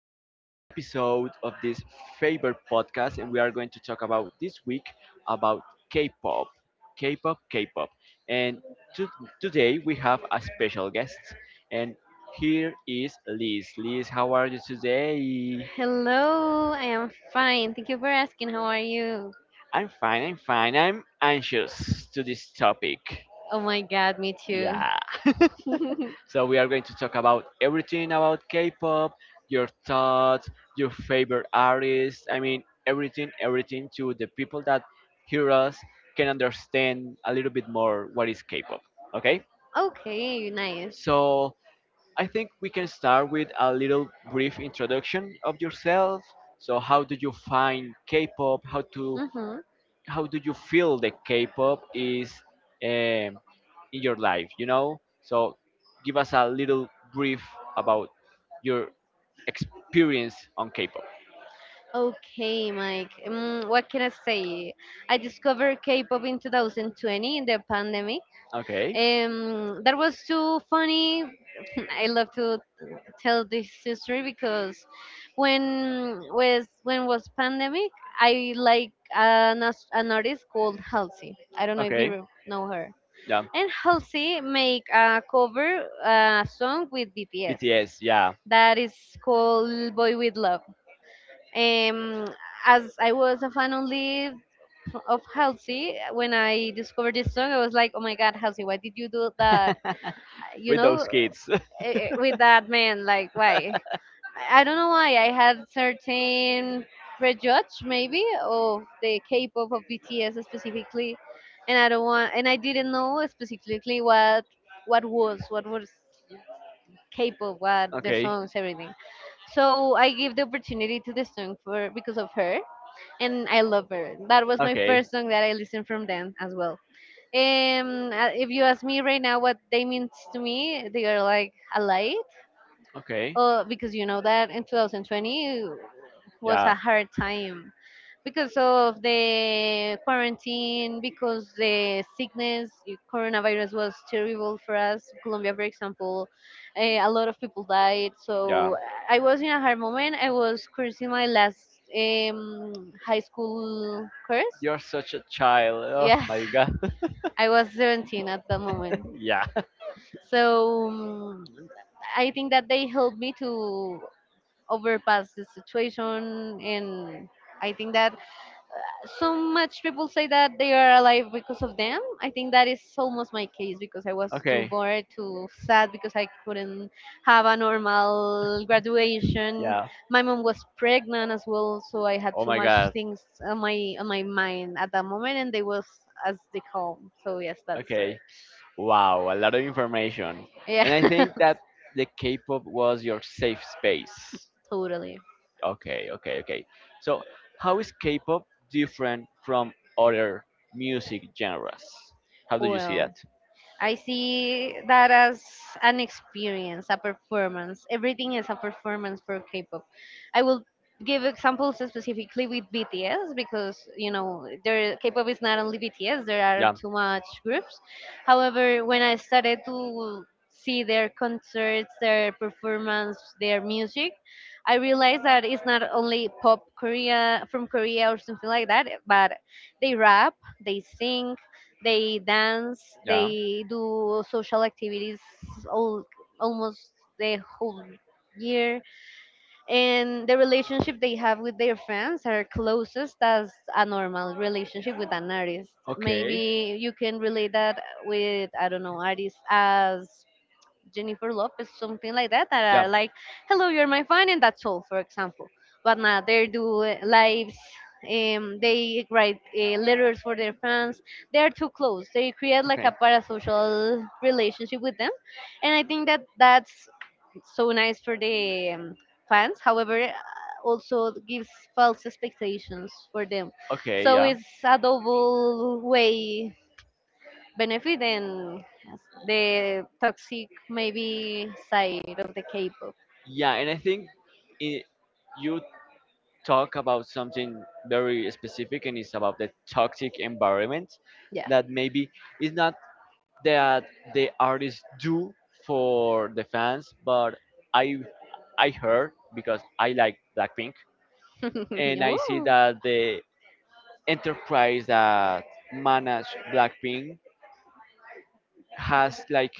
this new episode of this favorite podcast. And we are going to talk about this week about K-pop, K-pop, K-pop. And to, today we have a special guest, and here is Liz. Liz, how are you today? Hello, I am fine. Thank you for asking. How are you? I'm fine. I'm fine. I'm anxious to this topic. Oh my god, me too. Yeah. So we are going to talk about everything about K-pop, your thoughts, your favorite artists. I mean, everything, everything to the people that hear us can understand a little bit more what is K-pop. Okay? Okay, nice. So I think we can start with a little brief introduction of yourself. So how do you find K-pop? How to Mm-hmm. how do you feel the K-pop is um, in your life? So give us a little brief about your experience on K-pop. Okay, Mike. What can I say? I discovered K-pop in 2020 in the pandemic. Okay. That was too funny. I love to tell this history because when was pandemic, I like an artist called Halsey. I don't know if you Okay. Know her. Yeah. And Halsey make a cover song with BTS BTS. Yeah. that is called "Boy with Love." Um, as I was a fan only of Halsey, when I discovered this song, I was like, "Oh my God, Halsey, why did you do that? You With know, those kids. With that man, like why?" I don't know why I had certain prejudge maybe of the K-pop of BTS specifically, and I don't want and I didn't know specifically what was K-pop, what the Okay. songs, everything. So I gave the opportunity to the song for because of her, and I love her. That was my Okay. first song that I listened from them as well. If you ask me right now what they means to me, they are like alike Okay. Because you know that in 2020 was Yeah. a hard time because of the quarantine, because the sickness, coronavirus was terrible for us. Colombia, for example, a lot of people died. Yeah. So I was in a hard moment. I was cursing my last high school course. You're such a child. Oh Yes, my god. I was 17 at that moment. Yeah. So um, I think that they helped me to overpass the situation, and I think that so much people say that they are alive because of them. I think that is almost my case because I was too Okay. bored, too sad, because I couldn't have a normal graduation. Yeah. My mom was pregnant as well, so I had Oh too my much god. things on my mind at that moment, and they was as they call. So yes, that's right. Okay. Wow. A lot of information. Yeah. And I think that the K-pop was your safe space. Totally. Okay. Okay. Okay. So, how is K-pop different from other music genres? How do you see that? Well, I see that as an experience, a performance. Everything is a performance for K-pop. I will give examples specifically with BTS because you know there K-pop is not only BTS. There are Yeah. too much groups. However, when I started to see their concerts, their performance, their music, I realized that it's not only pop Korea from Korea or something like that, but they rap, they sing, they dance, Yeah. they do social activities all, almost the whole year. And the relationship they have with their fans are closest as a normal relationship with an artist. Okay. Maybe you can relate that with, I don't know, artists as Jennifer Lopez, something like that, that Yeah. are like, hello, you're my fan, and that's all, for example. But now they do lives, they write letters for their fans. They are too close. They create like Okay. a parasocial relationship with them. And I think that that's so nice for the fans. However, also gives false expectations for them. Okay, So yeah. it's a double way benefit and the toxic maybe side of the K-pop. Yeah, and I think it, you talk about something very specific, and it's about the toxic environment Yeah. that maybe it's not that the artists do for the fans, but I I heard because I like Blackpink, and I see Ooh. that the enterprise that manage Blackpink has like,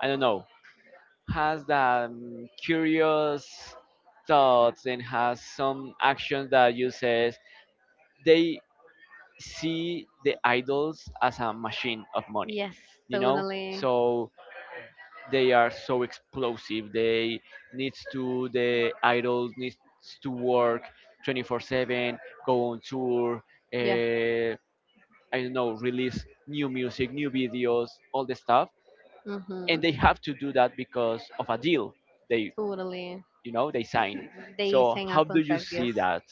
I don't know, has that curious thoughts and has some actions that you says they see the idols as a machine of money. Yes, You know totally. so they are so explosive. The idols needs to work 24/7, go on tour, Yeah. uh, I don't know, release new music, new videos, all the stuff. And Mhm. they have to do that because of a deal they, Totally. Design. They So sign a how do you contract. Yes. see that?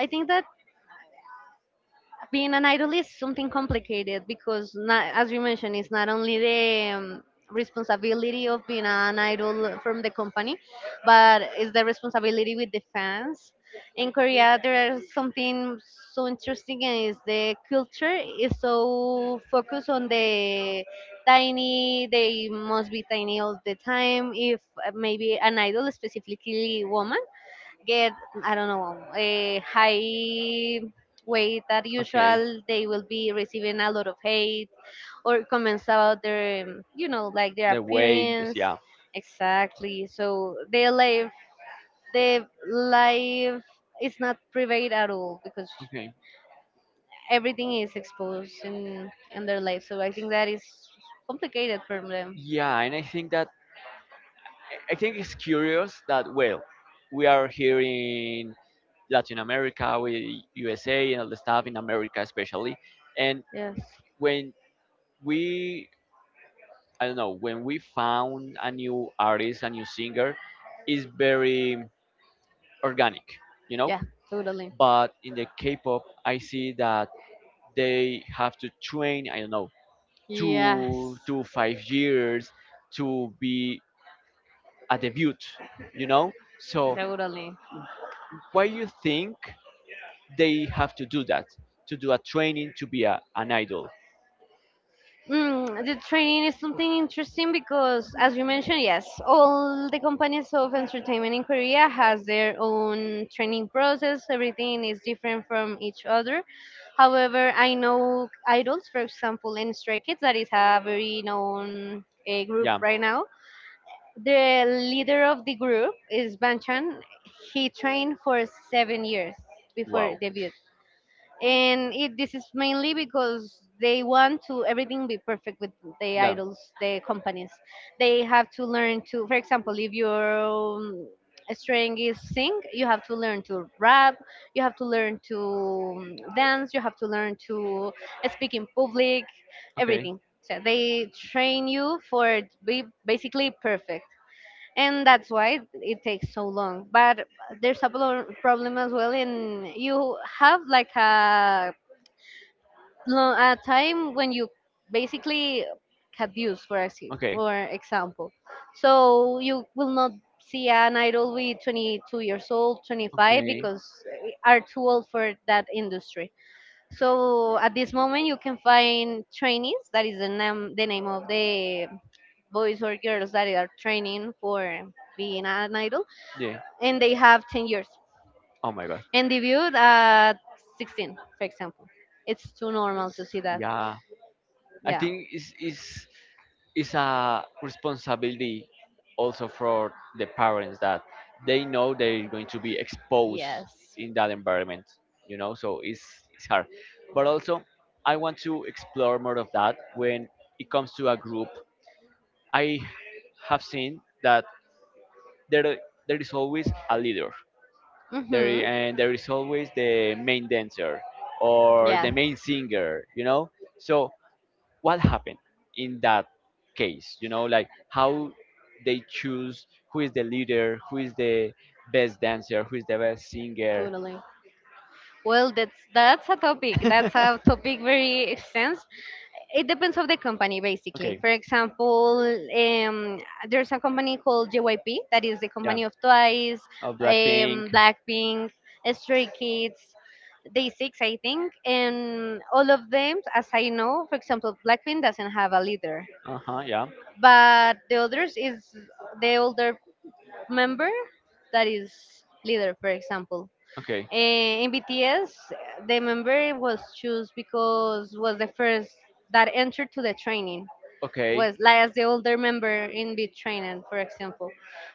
I think that being an idol is something complicated because not, as you mentioned, it's not only the responsibility of being an idol from the company, but it's the responsibility with the fans. In Korea, there's something so interesting, and is the culture is so focused on the tiny. They must be tiny all the time. If maybe an idol, specifically woman, get, I don't know, a high weight that Okay, usual, they will be receiving a lot of hate or comments about their you know, like their the way this, appearance. yeah. Exactly, so their life, their life is not private at all, because Okay. everything is exposed in their life. So I think that is complicated for them. Yeah, and I think it's curious that, well, we are here in Latin America, we USA and all the stuff in America especially. And Yes. when we, I don't know, when we found a new artist, a new singer, is very organic. You know Yeah, totally. but in the K-pop I see that they have to train, I don't know, two Yes, to five years to be a debut, you know? So totally. why you think they have to do that? To do a training to be an idol. Mm, the training is something interesting because, as you mentioned, yes, all the companies of entertainment in Korea has their own training process. Everything is different from each other. However, I know idols, for example, in Stray Kids, that is a very known group Yeah. right now. The leader of the group is Banchan. He trained for 7 years before Wow. debut, and it, this is mainly because they want to everything be perfect with the Yeah. idols. The companies, they have to learn to, for example, if your strength is sing, you have to learn to rap, you have to learn to dance, you have to learn to speak in public, Okay. everything. So they train you for be basically perfect, and that's why it takes so long. But there's a problem as well in you have like a no, a time when you basically can, Okay. for example. So you will not see an idol with 22 years old, 25, Okay. because are too old for that industry. So at this moment, you can find trainees. That is the name, of the boys or girls that are training for being an idol, Yeah. and they have 10 years Oh my god. and debuted at 16, for example. It's too normal to see that. Yeah. I Yeah. think it's a responsibility also for the parents that they know they're going to be exposed Yes. in that environment. You know so it's hard. But also I want to explore more of that. When it comes to a group, I have seen that there there is always a leader. Mhm. And there is always the main dancer or Yeah. the main singer. You know so what happened in that case, you know like how they choose who is the leader, who is the best dancer, who is the best singer? Totally. Well, that's a topic. That's a topic very extensive. It depends of the company, basically. Okay, For example, um, there's a company called JYP that is the yeah. company of Twice, Oh, Blackpink. Blackpink, Stray Kids, Day6, I think, and all of them, as I know, for example, Blackpink doesn't have a leader, Uh-huh, yeah. but the others is the older member that is leader, for example. Okay, Eh, in BTS, the member was choose because was the first that entered to the training, okay, was like as the older member in the training, for example.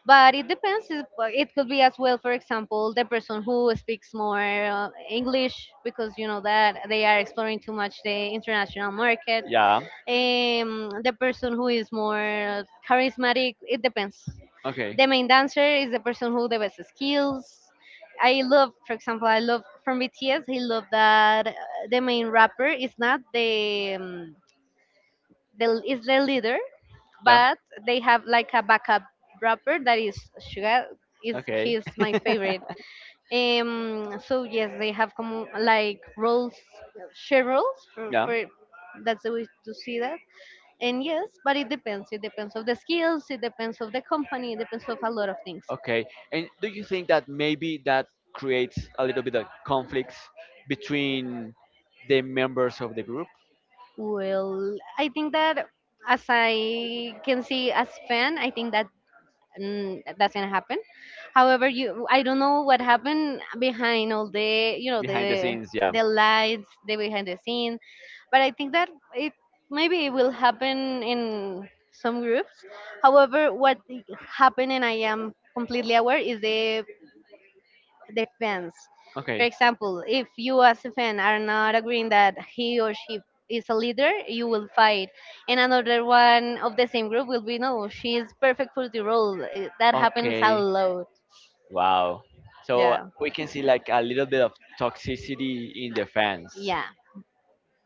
But it depends. It could be as well, for example, the person who speaks more English because you know that they are exploring too much the international market, yeah, the person who is more charismatic, it depends. okay, The main dancer is the person who the best skills. I love, for example, I love from BTS, I love that the main rapper is not the, is the leader, yeah, but they have like a backup rapper that is Sugar. Is okay. He's my favorite. So yes, they have come like roles, share roles Yeah. for that's the way to see that. And yes, but it depends. It depends of the skills, it depends of the company, it depends of a lot of things. Okay. And do you think that maybe that creates a little bit of conflicts between the members of the group? Well, I think that as I can see as fan, I think that mm, doesn't happen. However, you, I don't know what happened behind all the, you know, Behind the the scenes, yeah. Lights, the behind the scene, but I think that it maybe it will happen in some groups. However, what happened and I am completely aware is the fans. For Okay. example, if you as a fan are not agreeing that he or she is a leader, you will fight. And another one of the same group will be no, she is perfect for the role. That happens a Okay. lot. Wow. So Yeah. we can see like a little bit of toxicity in the fans. Yeah.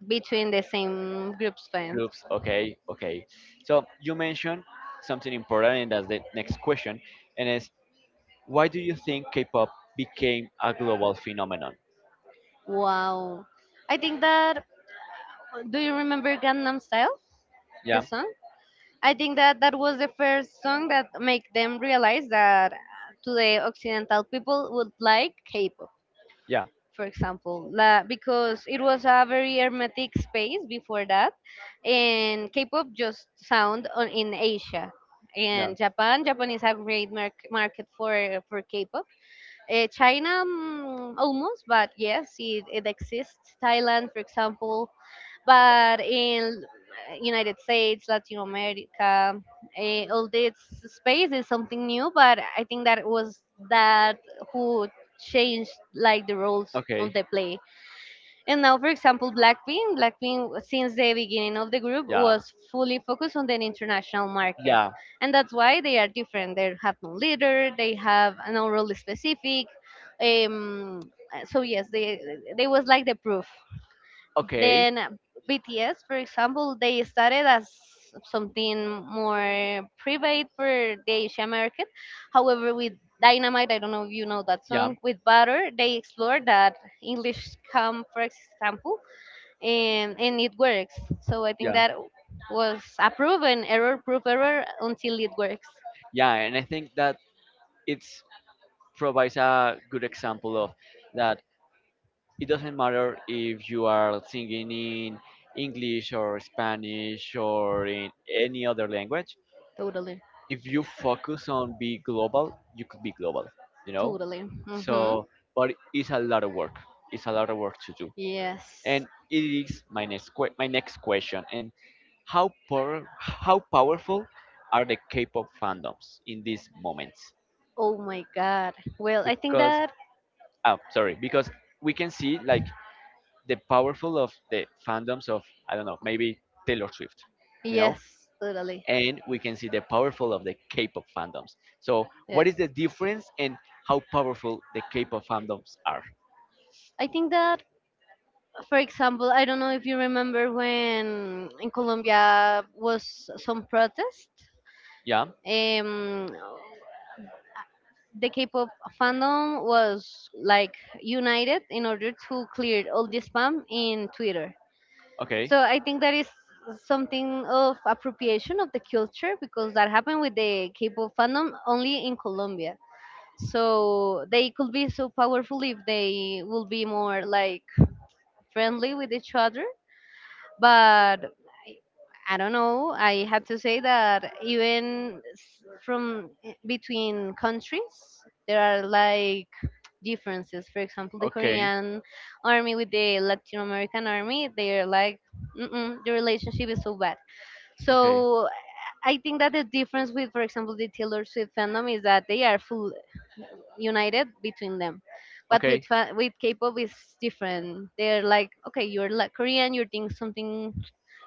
Between the same group's fans. Groups. Okay. Okay. So you mentioned something important, and that's the next question, and is why do you think K-pop became a global phenomenon? Wow. I think that, do you remember Gangnam Style? The Yeah. song? I think that that was the first song that make them realize that to the occidental people would like K-pop, Yeah. for example. Because it was a very hermetic space before that, and K-pop just sound in Asia. Yeah. In Japan is a great market for K-pop. China, mm, almost, but yes, it exists. Thailand, for example. But in United States, Latin America, all this space is something new. But I think that it was that who changed like the roles from Okay. the play. And now, for example, Blackpink since the beginning of the group Yeah. was fully focused on the international market, Yeah. and that's why they are different. They have no leader, they have no role specific. um so yes, they was like the proof. Okay. Then BTS, for example, they started as something more private for the Asian market. However, with Dynamite, I don't know if you know that Yeah. song, with Butter, they explored that English come, for example, and it works. So I think Yeah. that was a proven error, proof error until it works. Yeah. And I think that it's provides a good example of that it doesn't matter if you are singing in English or Spanish or in any other language. Totally. If you focus on be global, you could be global, you know? Totally. Mm-hmm. So, but it's a lot of work. It's a lot of work to do. Yes. And it is my next que- my next question. And how powerful are the K-pop fandoms in these moments? Oh my God. Well, I think Because, that, oh, sorry, because we can see like the powerful of the fandoms of, I don't know, maybe Taylor Swift, you know, yes, totally. and we can see the powerful of the K-pop fandoms. So what Yes. is the difference and how powerful the K-pop fandoms are? I think that, for example, I don't know if you remember when in Colombia was some protest. Yeah. Um, the K-pop fandom was like united in order to clear all the spam in Twitter. Okay. So I think that is something of appropriation of the culture because that happened with the K-pop fandom only in Colombia. So they could be so powerful if they will be more like friendly with each other. But I, I don't know. I have to say that even from between countries, there are like differences. For example, the Okay. Korean army with the Latin American army, they're like, Mm-mm, the relationship is so bad. Okay. So I think that the difference with, for example, the Taylor Swift fandom is that they are full, united between them. But Okay. With K-pop, is different. They're like, okay, you're like Korean, you're doing something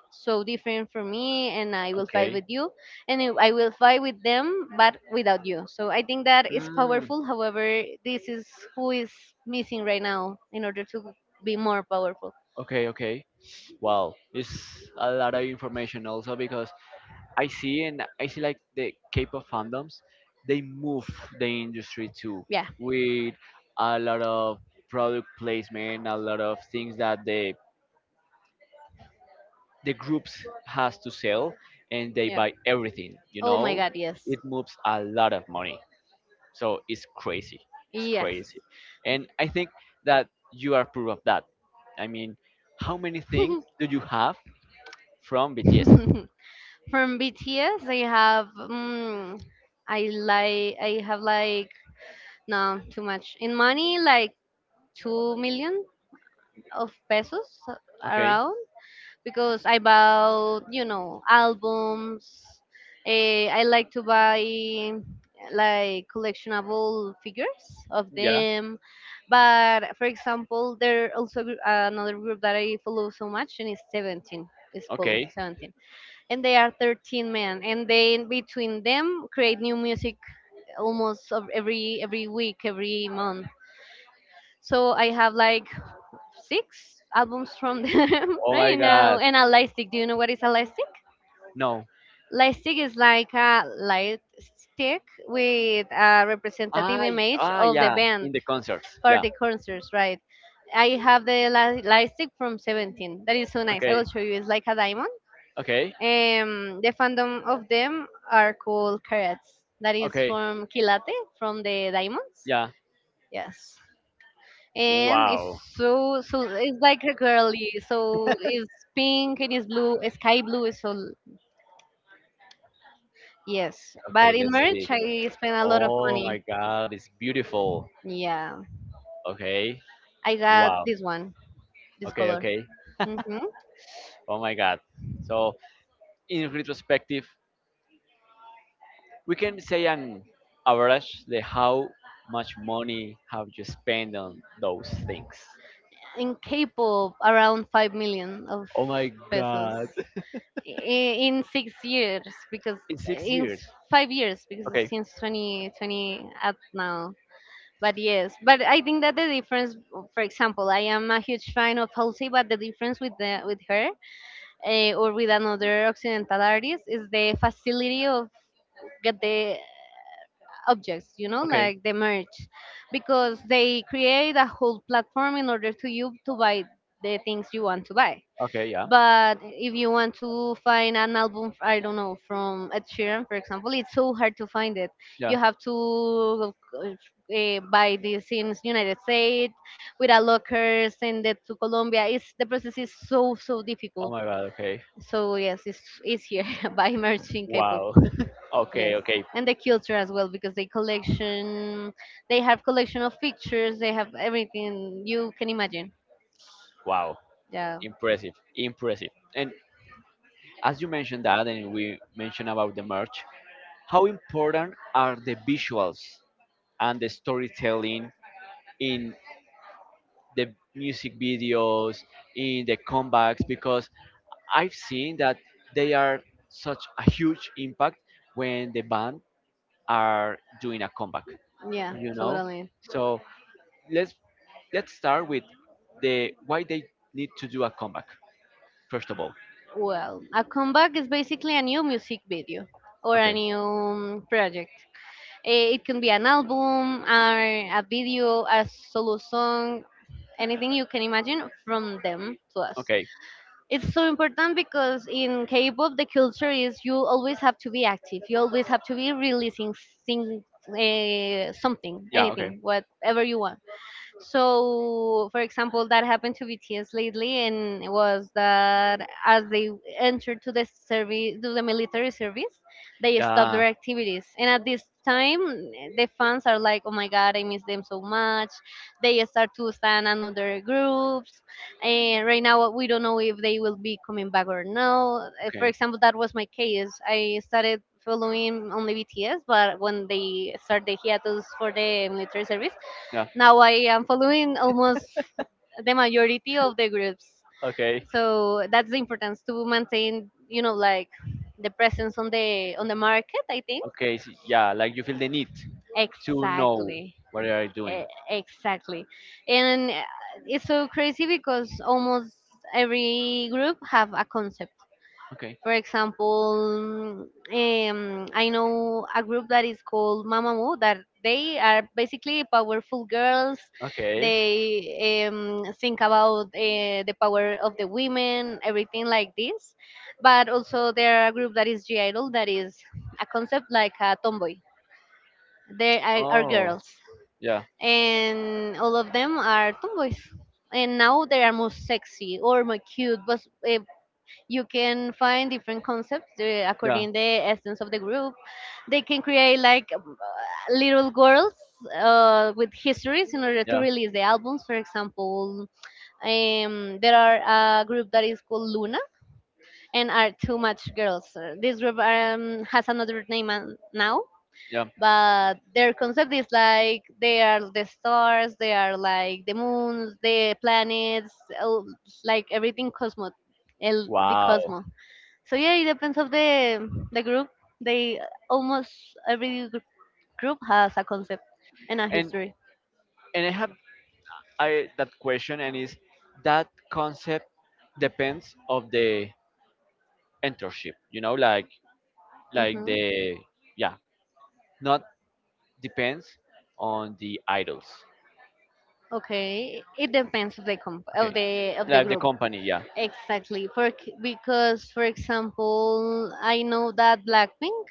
so different from me, and I will fight Okay. with you, and I will fight with them, but without you. So I think that is Mm, powerful. However, this is who is missing right now in order to be more powerful. okay. Okay. Wow, it's a lot of information also because I see like the K-pop fandoms, they move the industry too Yeah, with a lot of product placement, a lot of things that the groups has to sell, and they yeah, buy everything. You oh my know, God, yes, it moves a lot of money. So it's crazy. It's yes. crazy. And I think that you are proof of that. I mean, how many things do you have from BTS? From BTS I have, I have like no too much in money, like 2 million of pesos Okay. around, because I bought, albums. I like to buy like collectionable figures of Yeah. them. But for example, there also another group that I follow so much, and it's Seventeen. It's called Okay. Seventeen. And they are 13 men. And they, between them, create new music almost of every week, every month. So I have like six albums from them Oh my right now. God. And a light stick. Do you know what is a light stick? No. Light stick is like a light stick with a representative Ah, y- image ah, of the yeah. band In the concerts. for Yeah. the concerts, right? I have the light stick from Seventeen. That is so nice. I Okay. will show you. It's like a diamond. Okay. The fandom of them are called carrots. That is Okay. from Kilate, from the diamonds. Yeah. Yes. And it's, Wow. so it's like a girly, so it's pink and it's blue, sky blue, yes, Okay. but in Let's merch see. I spent a lot of Oh money. my God. It's beautiful. Yeah, Okay. I got Wow. this one, this Okay. color. Okay. Hmm. Oh my God. So in retrospective, we can say an average the how much money have you spent on those things? In K-pop, around 5 million of Oh my pesos. god. In 6 years, because In six years 5 years, because Okay, since 2020 at now. But yes, but I think that the difference, for example, I am a huge fan of Halsey, but the difference with the with her, or with another occidental artist, is the facility of get the objects, okay, like the merch, because they create a whole platform in order to you to buy the things you want to buy. okay, yeah, But if you want to find an album, I don't know, from Ed Sheeran, for example, it's so hard to find it. yeah. You have to buy this in United States with a locker, send it to Colombia. The process is so, so Oh difficult. my god. Okay. So, yes, it's, here by merging K-pop. Wow. Okay, Yes. okay. And the culture as well, because they have collection of pictures, they have everything you can imagine. Wow. Yeah. Impressive, impressive. And as you mentioned that, and we mentioned about the merch, how important are the visuals and the storytelling in the music videos, in the comebacks? Because I've seen that they are such a huge impact when the band are doing a comeback. Yeah, You know, totally. so let's let's start with the why they need to do a comeback first of all. Well, a comeback is basically a new music video or a Okay, new project. It can be an album, or a video, a solo song, anything you can imagine from them to us. okay, It's so important because in K-pop the culture is you always have to be active. You always have to be releasing, something, yeah, okay, anything, whatever you want. So, for example, that happened to BTS lately, and it was that as they entered to the service, to the military service, they stopped yeah, their activities. And at this time, the fans are like, "Oh my God, I miss them so much." They start to stand another groups, and right now we don't know if they will be coming back or no. For okay. example, that was my case. I started following only BTS, but when they started the hiatus for the military service, Yeah. now I am following almost the majority of the groups. Okay. So that's the importance to maintain, like the presence on the market. I think. Okay. Yeah. Like you feel the need to know Exactly. what you are doing. Exactly. And it's so crazy because almost every group have a concept. Okay. For example, I know a group that is called Mamamoo that they are basically powerful girls. Okay. They think about the power of the women, everything like this. But also there are a group that is G Idol that is a concept like a tomboy. They are Oh. girls, Yeah. and all of them are tomboys. And now they are more sexy or more cute, but eh, you can find different concepts Yeah. according the essence of the group. They can create like little girls with histories in order to Yeah. release the albums, for example. There are a group that is called Luna, and are too much girls. This group has another name now, Yeah. but their concept is like they are the stars, they are like the moons, the planets, uh, like everything the Wow. cosmos. So yeah, it depends of the group. They almost every gr- group has a concept and a And history. and I have, I that question, and is that concept depends of the internship. You know, like like Hmm. the yeah, not depends on the idols. Okay, it depends of the comp Okay, of the like the group. company. Yeah. Exactly. Because for example, I know that Blackpink,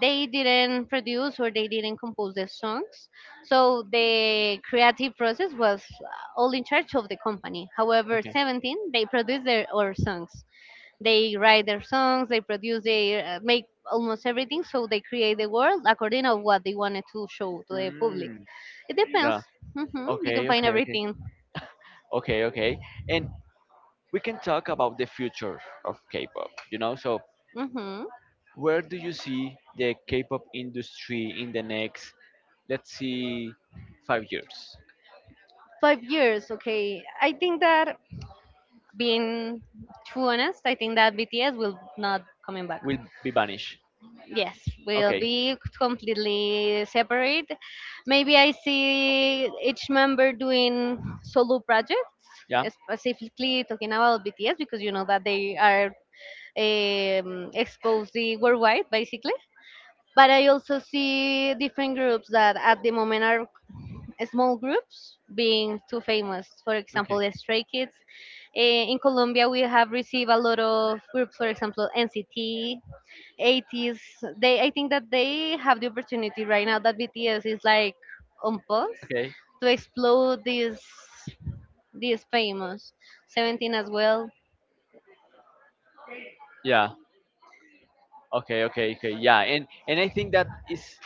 they didn't produce or they didn't compose the songs, so the creative process was all in charge of the company. However, Okay. Seventeen, they produced their own songs. They write their songs, they produce, they make almost everything. So they create the world according to what they wanted to show to the public. Mm, It depends. yeah. Hmm. You can Okay. find Okay. Okay. everything. Okay. Okay. And we can talk about the future of K-pop. So Hmm. where do you see the K-pop industry in the next, let's see, 5 years? 5 years, okay. I think that, being too honest, I think that BTS will not coming back. Will be vanished. Yes, will Okay. be completely separate. Maybe I see each member doing solo projects, Yeah. Specifically talking about BTS, because you know that they are exposed the worldwide basically. But I also see different groups that at the moment are small groups being too famous. For example, Okay. the Stray Kids. In Colombia, we have received a lot of groups, for example, NCT, 80s. They, I think that they have the opportunity right now that BTS is like on pause Okay. to explode this this famous Seventeen as well. Yeah. Okay. Okay. Okay. Yeah. And I think that is,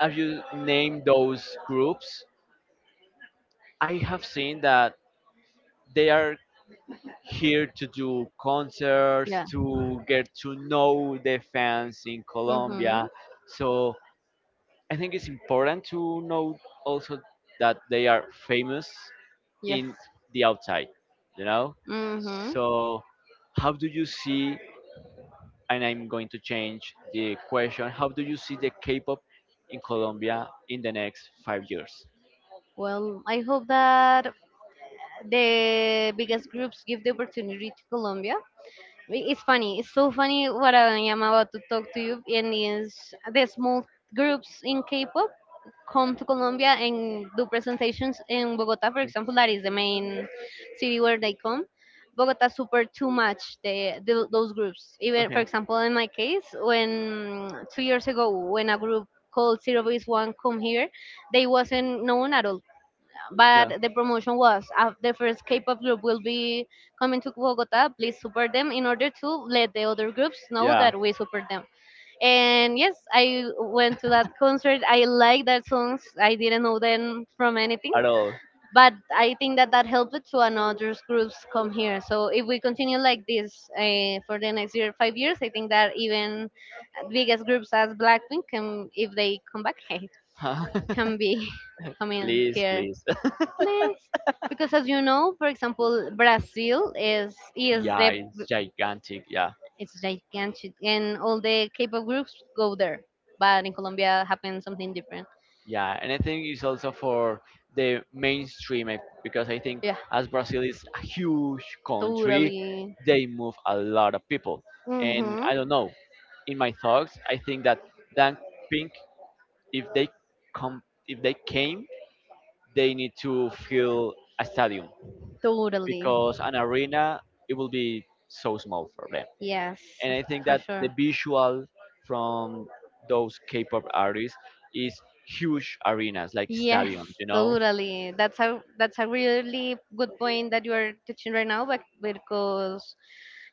as you name those groups, I have seen that they are here to do concerts Yeah. to get to know the fans in Mm-hmm. Colombia. So I think it's important to note also that they are famous Yes. in the outside, you know? Mm-hmm. So, how do you see, and I'm going to change the question, how do you see the K pop in Colombia in the next 5 years? Well, I hope that the biggest groups give the opportunity to Colombia. It's funny. It's so funny what I am about to talk to you. And is the small groups in K-pop come to Colombia and do presentations in Bogota, for Okay, example. That is the main city where they come. Bogota super too much the those groups. Even for okay, example, in my case, when 2 years ago, when a group called Zero Base One come here, they wasn't known at all, yeah, but the promotion was the first K-pop group will be coming to Bogota. Please support them in order to let the other groups know yeah, that we support them. And yes, I went to that concert. I like that songs. I didn't know them from anything, at all. but I think that that helped to another groups come here. So if we continue like this for the next year, 5 years, I think that even biggest groups as Blackpink can, if they come back, can be coming Please, here. please. Please. Because as you know, for example, Brazil is Yeah, the it's gigantic. Yeah. it's gigantic and all the K-pop groups go there. But in Colombia happens something different. Yeah, and I think it's also for the mainstream because I think Yeah, as Brazil is a huge country, totally. they move a lot of people. And I Mhm. don't know. In my thoughts, I think that Dan Pink, if they come, if they came, they need to fill a stadium Totally. because an arena it will be so small for them. Yes, And I think for that the sure. visual from those K-pop artists is huge arenas like Yes, stadiums. totally. That's a really good point that you are touching right now, but because,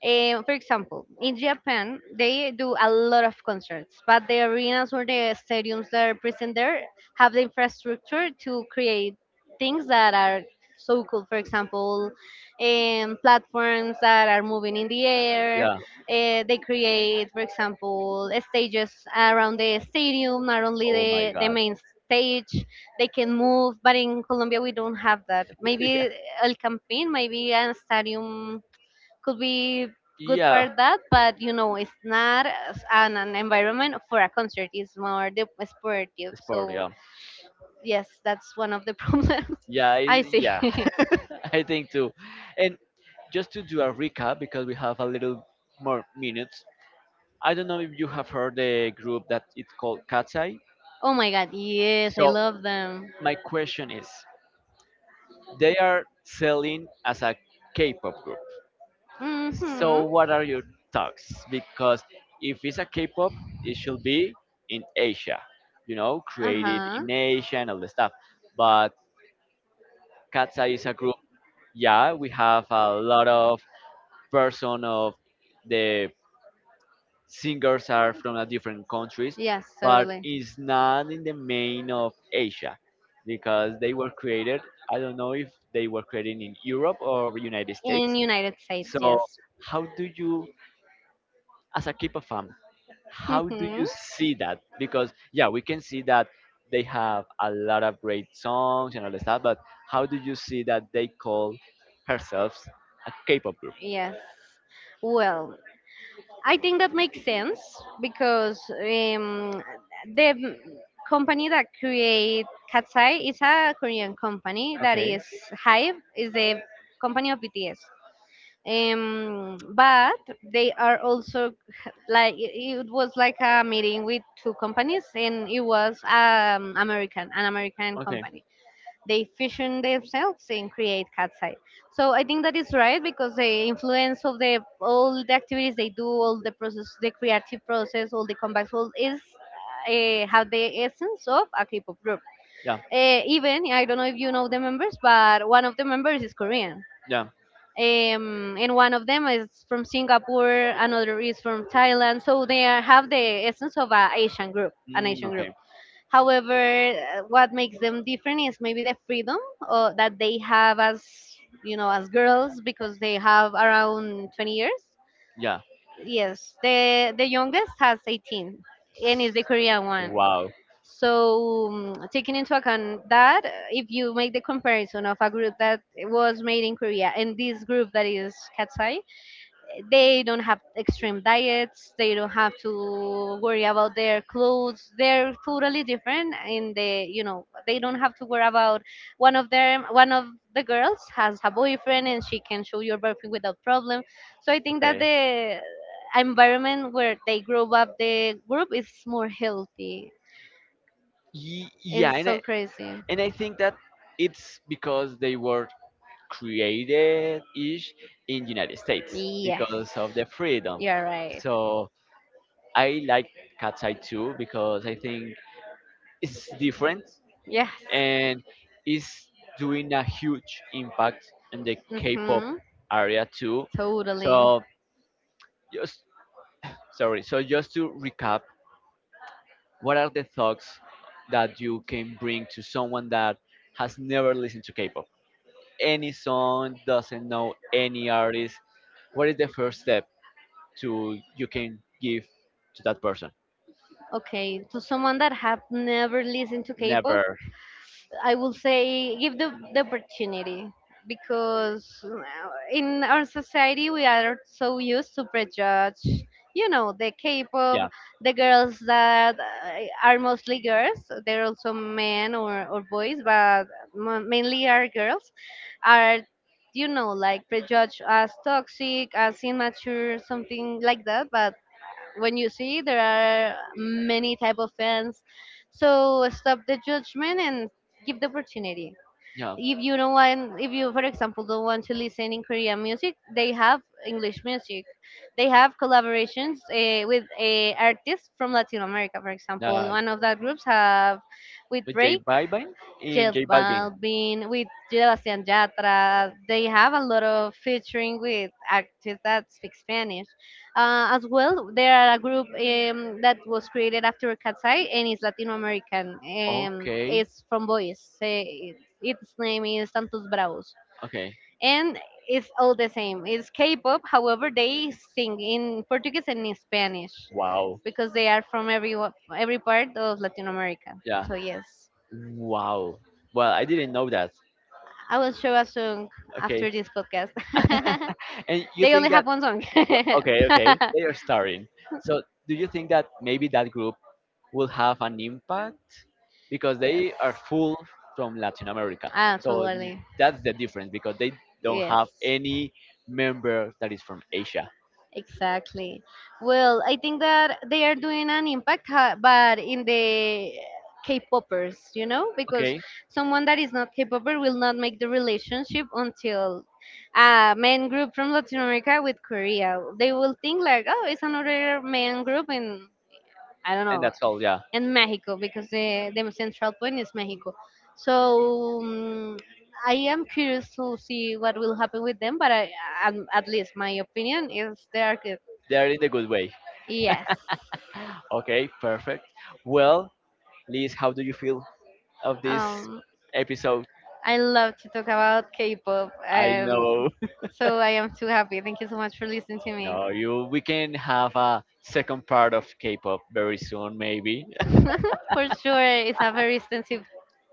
For example, in Japan, they do a lot of concerts, but the arenas or the stadiums that are present there have the infrastructure to create things that are so cool. For example, platforms that are moving in the air. Yeah. They create, for example, stages around the stadium, not only Oh my the God. main stage. They can move, but in Colombia, we don't have that. Yeah. Maybe El Campín, maybe a stadium could be good Yeah. for that, but it's not as an environment for a concert. It's more the sportive. Sport. So Yeah. yes, that's one of the problems Yeah. I I- see. Yeah. I think too. And just to do a recap because we have a little more minutes. I don't know if you have heard the group that it's called Katsai. Oh my God, yes, I So love them. my question is, they are selling as a K-pop group. Mhm. So what are your thoughts? Because if it's a K-pop, it should be in Asia, Uh created huh. in Asia and all the stuff. But Katsa is a group. Yeah, we have a lot of person of the singers are from a different countries, Yes, but totally. it's not in the main of Asia because they were created. I don't know if they were created in Europe or United In States. United States, So yes. how do you, as a Kipa fan, how do you Mhm. see that? Because yeah, we can see that they have a lot of great songs and all the stuff, but how do you see that they call herself a K-pop group? Yes. Well, I think that makes sense because, the company that create Katsai is a Korean company that Okay. is Hype, is the company of BTS. But they are also like, it was like a meeting with two companies, and it was American an American Okay. company, they fusion themselves and create cat Katsai. So I think that is right because the influence of the all the activities they do, all the process, the creative process, all the comebacks, all is have the essence of a K-pop group. Yeah. Even I don't know if you know the members, but one of the members is Korean. Yeah. And one of them is from Singapore, another is from Thailand. So have the essence of an Asian group, an Mm, Asian group. okay. However, what makes them different is maybe the freedom, that they have as, you know, as girls, because they have around 20 years. Yeah. Yes, the youngest has 18 and is the Korean one. Wow. So, taking into account that, if you make the comparison of a group that was made in Korea and this group that is Katsai, they don't have extreme diets, they don't have to worry about their clothes, they're totally different. In the you know They don't have to worry about. One of the girls has a boyfriend and she can show your boyfriend without problem. So I think that Okay. the environment where they grow up, the group is more healthy. Yeah, It's so crazy. and I think that it's because they were created ish in United States Yes, because of the freedom. you're right. So I like Cat's Eye too because I think it's different Yes. and it's doing a huge impact in the K-pop Hmm. area too. Totally. So just Sorry. So just to recap, what are the thoughts that you can bring to someone that has never listened to K-pop? Any song doesn't know any artist. What is the first step to you can give to that person? Okay, to someone that have never listened to K-pop, Never. I will say give the opportunity, because in our society we are so used to prejudge, the K-pop, Yeah, the girls that are mostly girls, there are also men or boys, but mainly are girls, are like prejudged as toxic, as immature, something like that. But when you see there are many type of fans, so stop the judgment and give the opportunity. yeah. If you, for example, don't want to listen in Korean music, they have English music. They have collaborations with artists from Latin America, for example, That one of the groups have with with Drake, J J Balvin. Balvin, with Sebastian Yatra. They have a lot of featuring with actors that speak Spanish. As well, there are a group that was created after Katsai, and is Latino American. Okay, It's from boys. Its name is Santos Bravos. okay. And it's all the same. It's K-pop. However, they sing in Portuguese and in Spanish Wow. because they are from every part of Latin America. Yeah. So yes. Wow. Well, I didn't know that. I will show a song Okay. after this podcast. And you They think only have that one song. Okay, okay, they are starting. So, do you think that maybe that group will have an impact because Yes. they are full from Latin America? Ah, So totally. that's the difference because they don't have Yes. any member that is from Asia. Exactly. Well, I think that they are doing an impact, but in the K-poppers, because Okay, someone that is not K-popper will not make the relationship until a men group from Latin America with Korea. They will think like, oh, it's another men group in, I don't and know, that's all. Yeah, and Mexico, because the central point is Mexico. So I am curious to see what will happen with them, but at least my opinion is they are good. they are in the good way. Yes. Okay, perfect. Well, Liz, how do you feel of this Um, episode? I love to talk about K-pop, I and know. so I am too happy. Thank you so much for listening to me. No, you. We can have a second part of K-pop very soon, maybe. For sure, it's a very extensive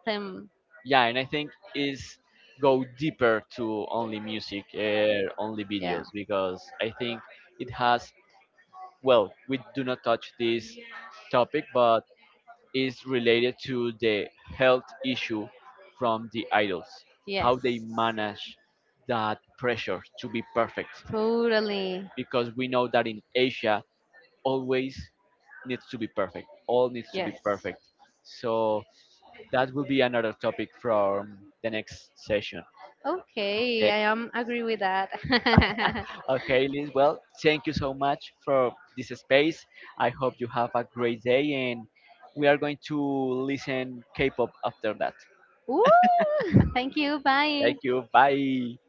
theme. Yeah, and I think is go deeper to only music or only Yeah. videos because I think it has, well, we do not touch this topic, but is related to the health issue from the idols, Yes. how they manage that pressure to be perfect, Totally. because we know that in Asia always needs to be perfect, all needs to be Yes. perfect. So that will be another topic from the next session. Okay, Okay? I am agree with that. Okay, Liz. Well, thank you so much for this space. I hope you have a great day, and we are going to listen K-pop after that. Ooh, thank you. Thank Bye. you. Bye.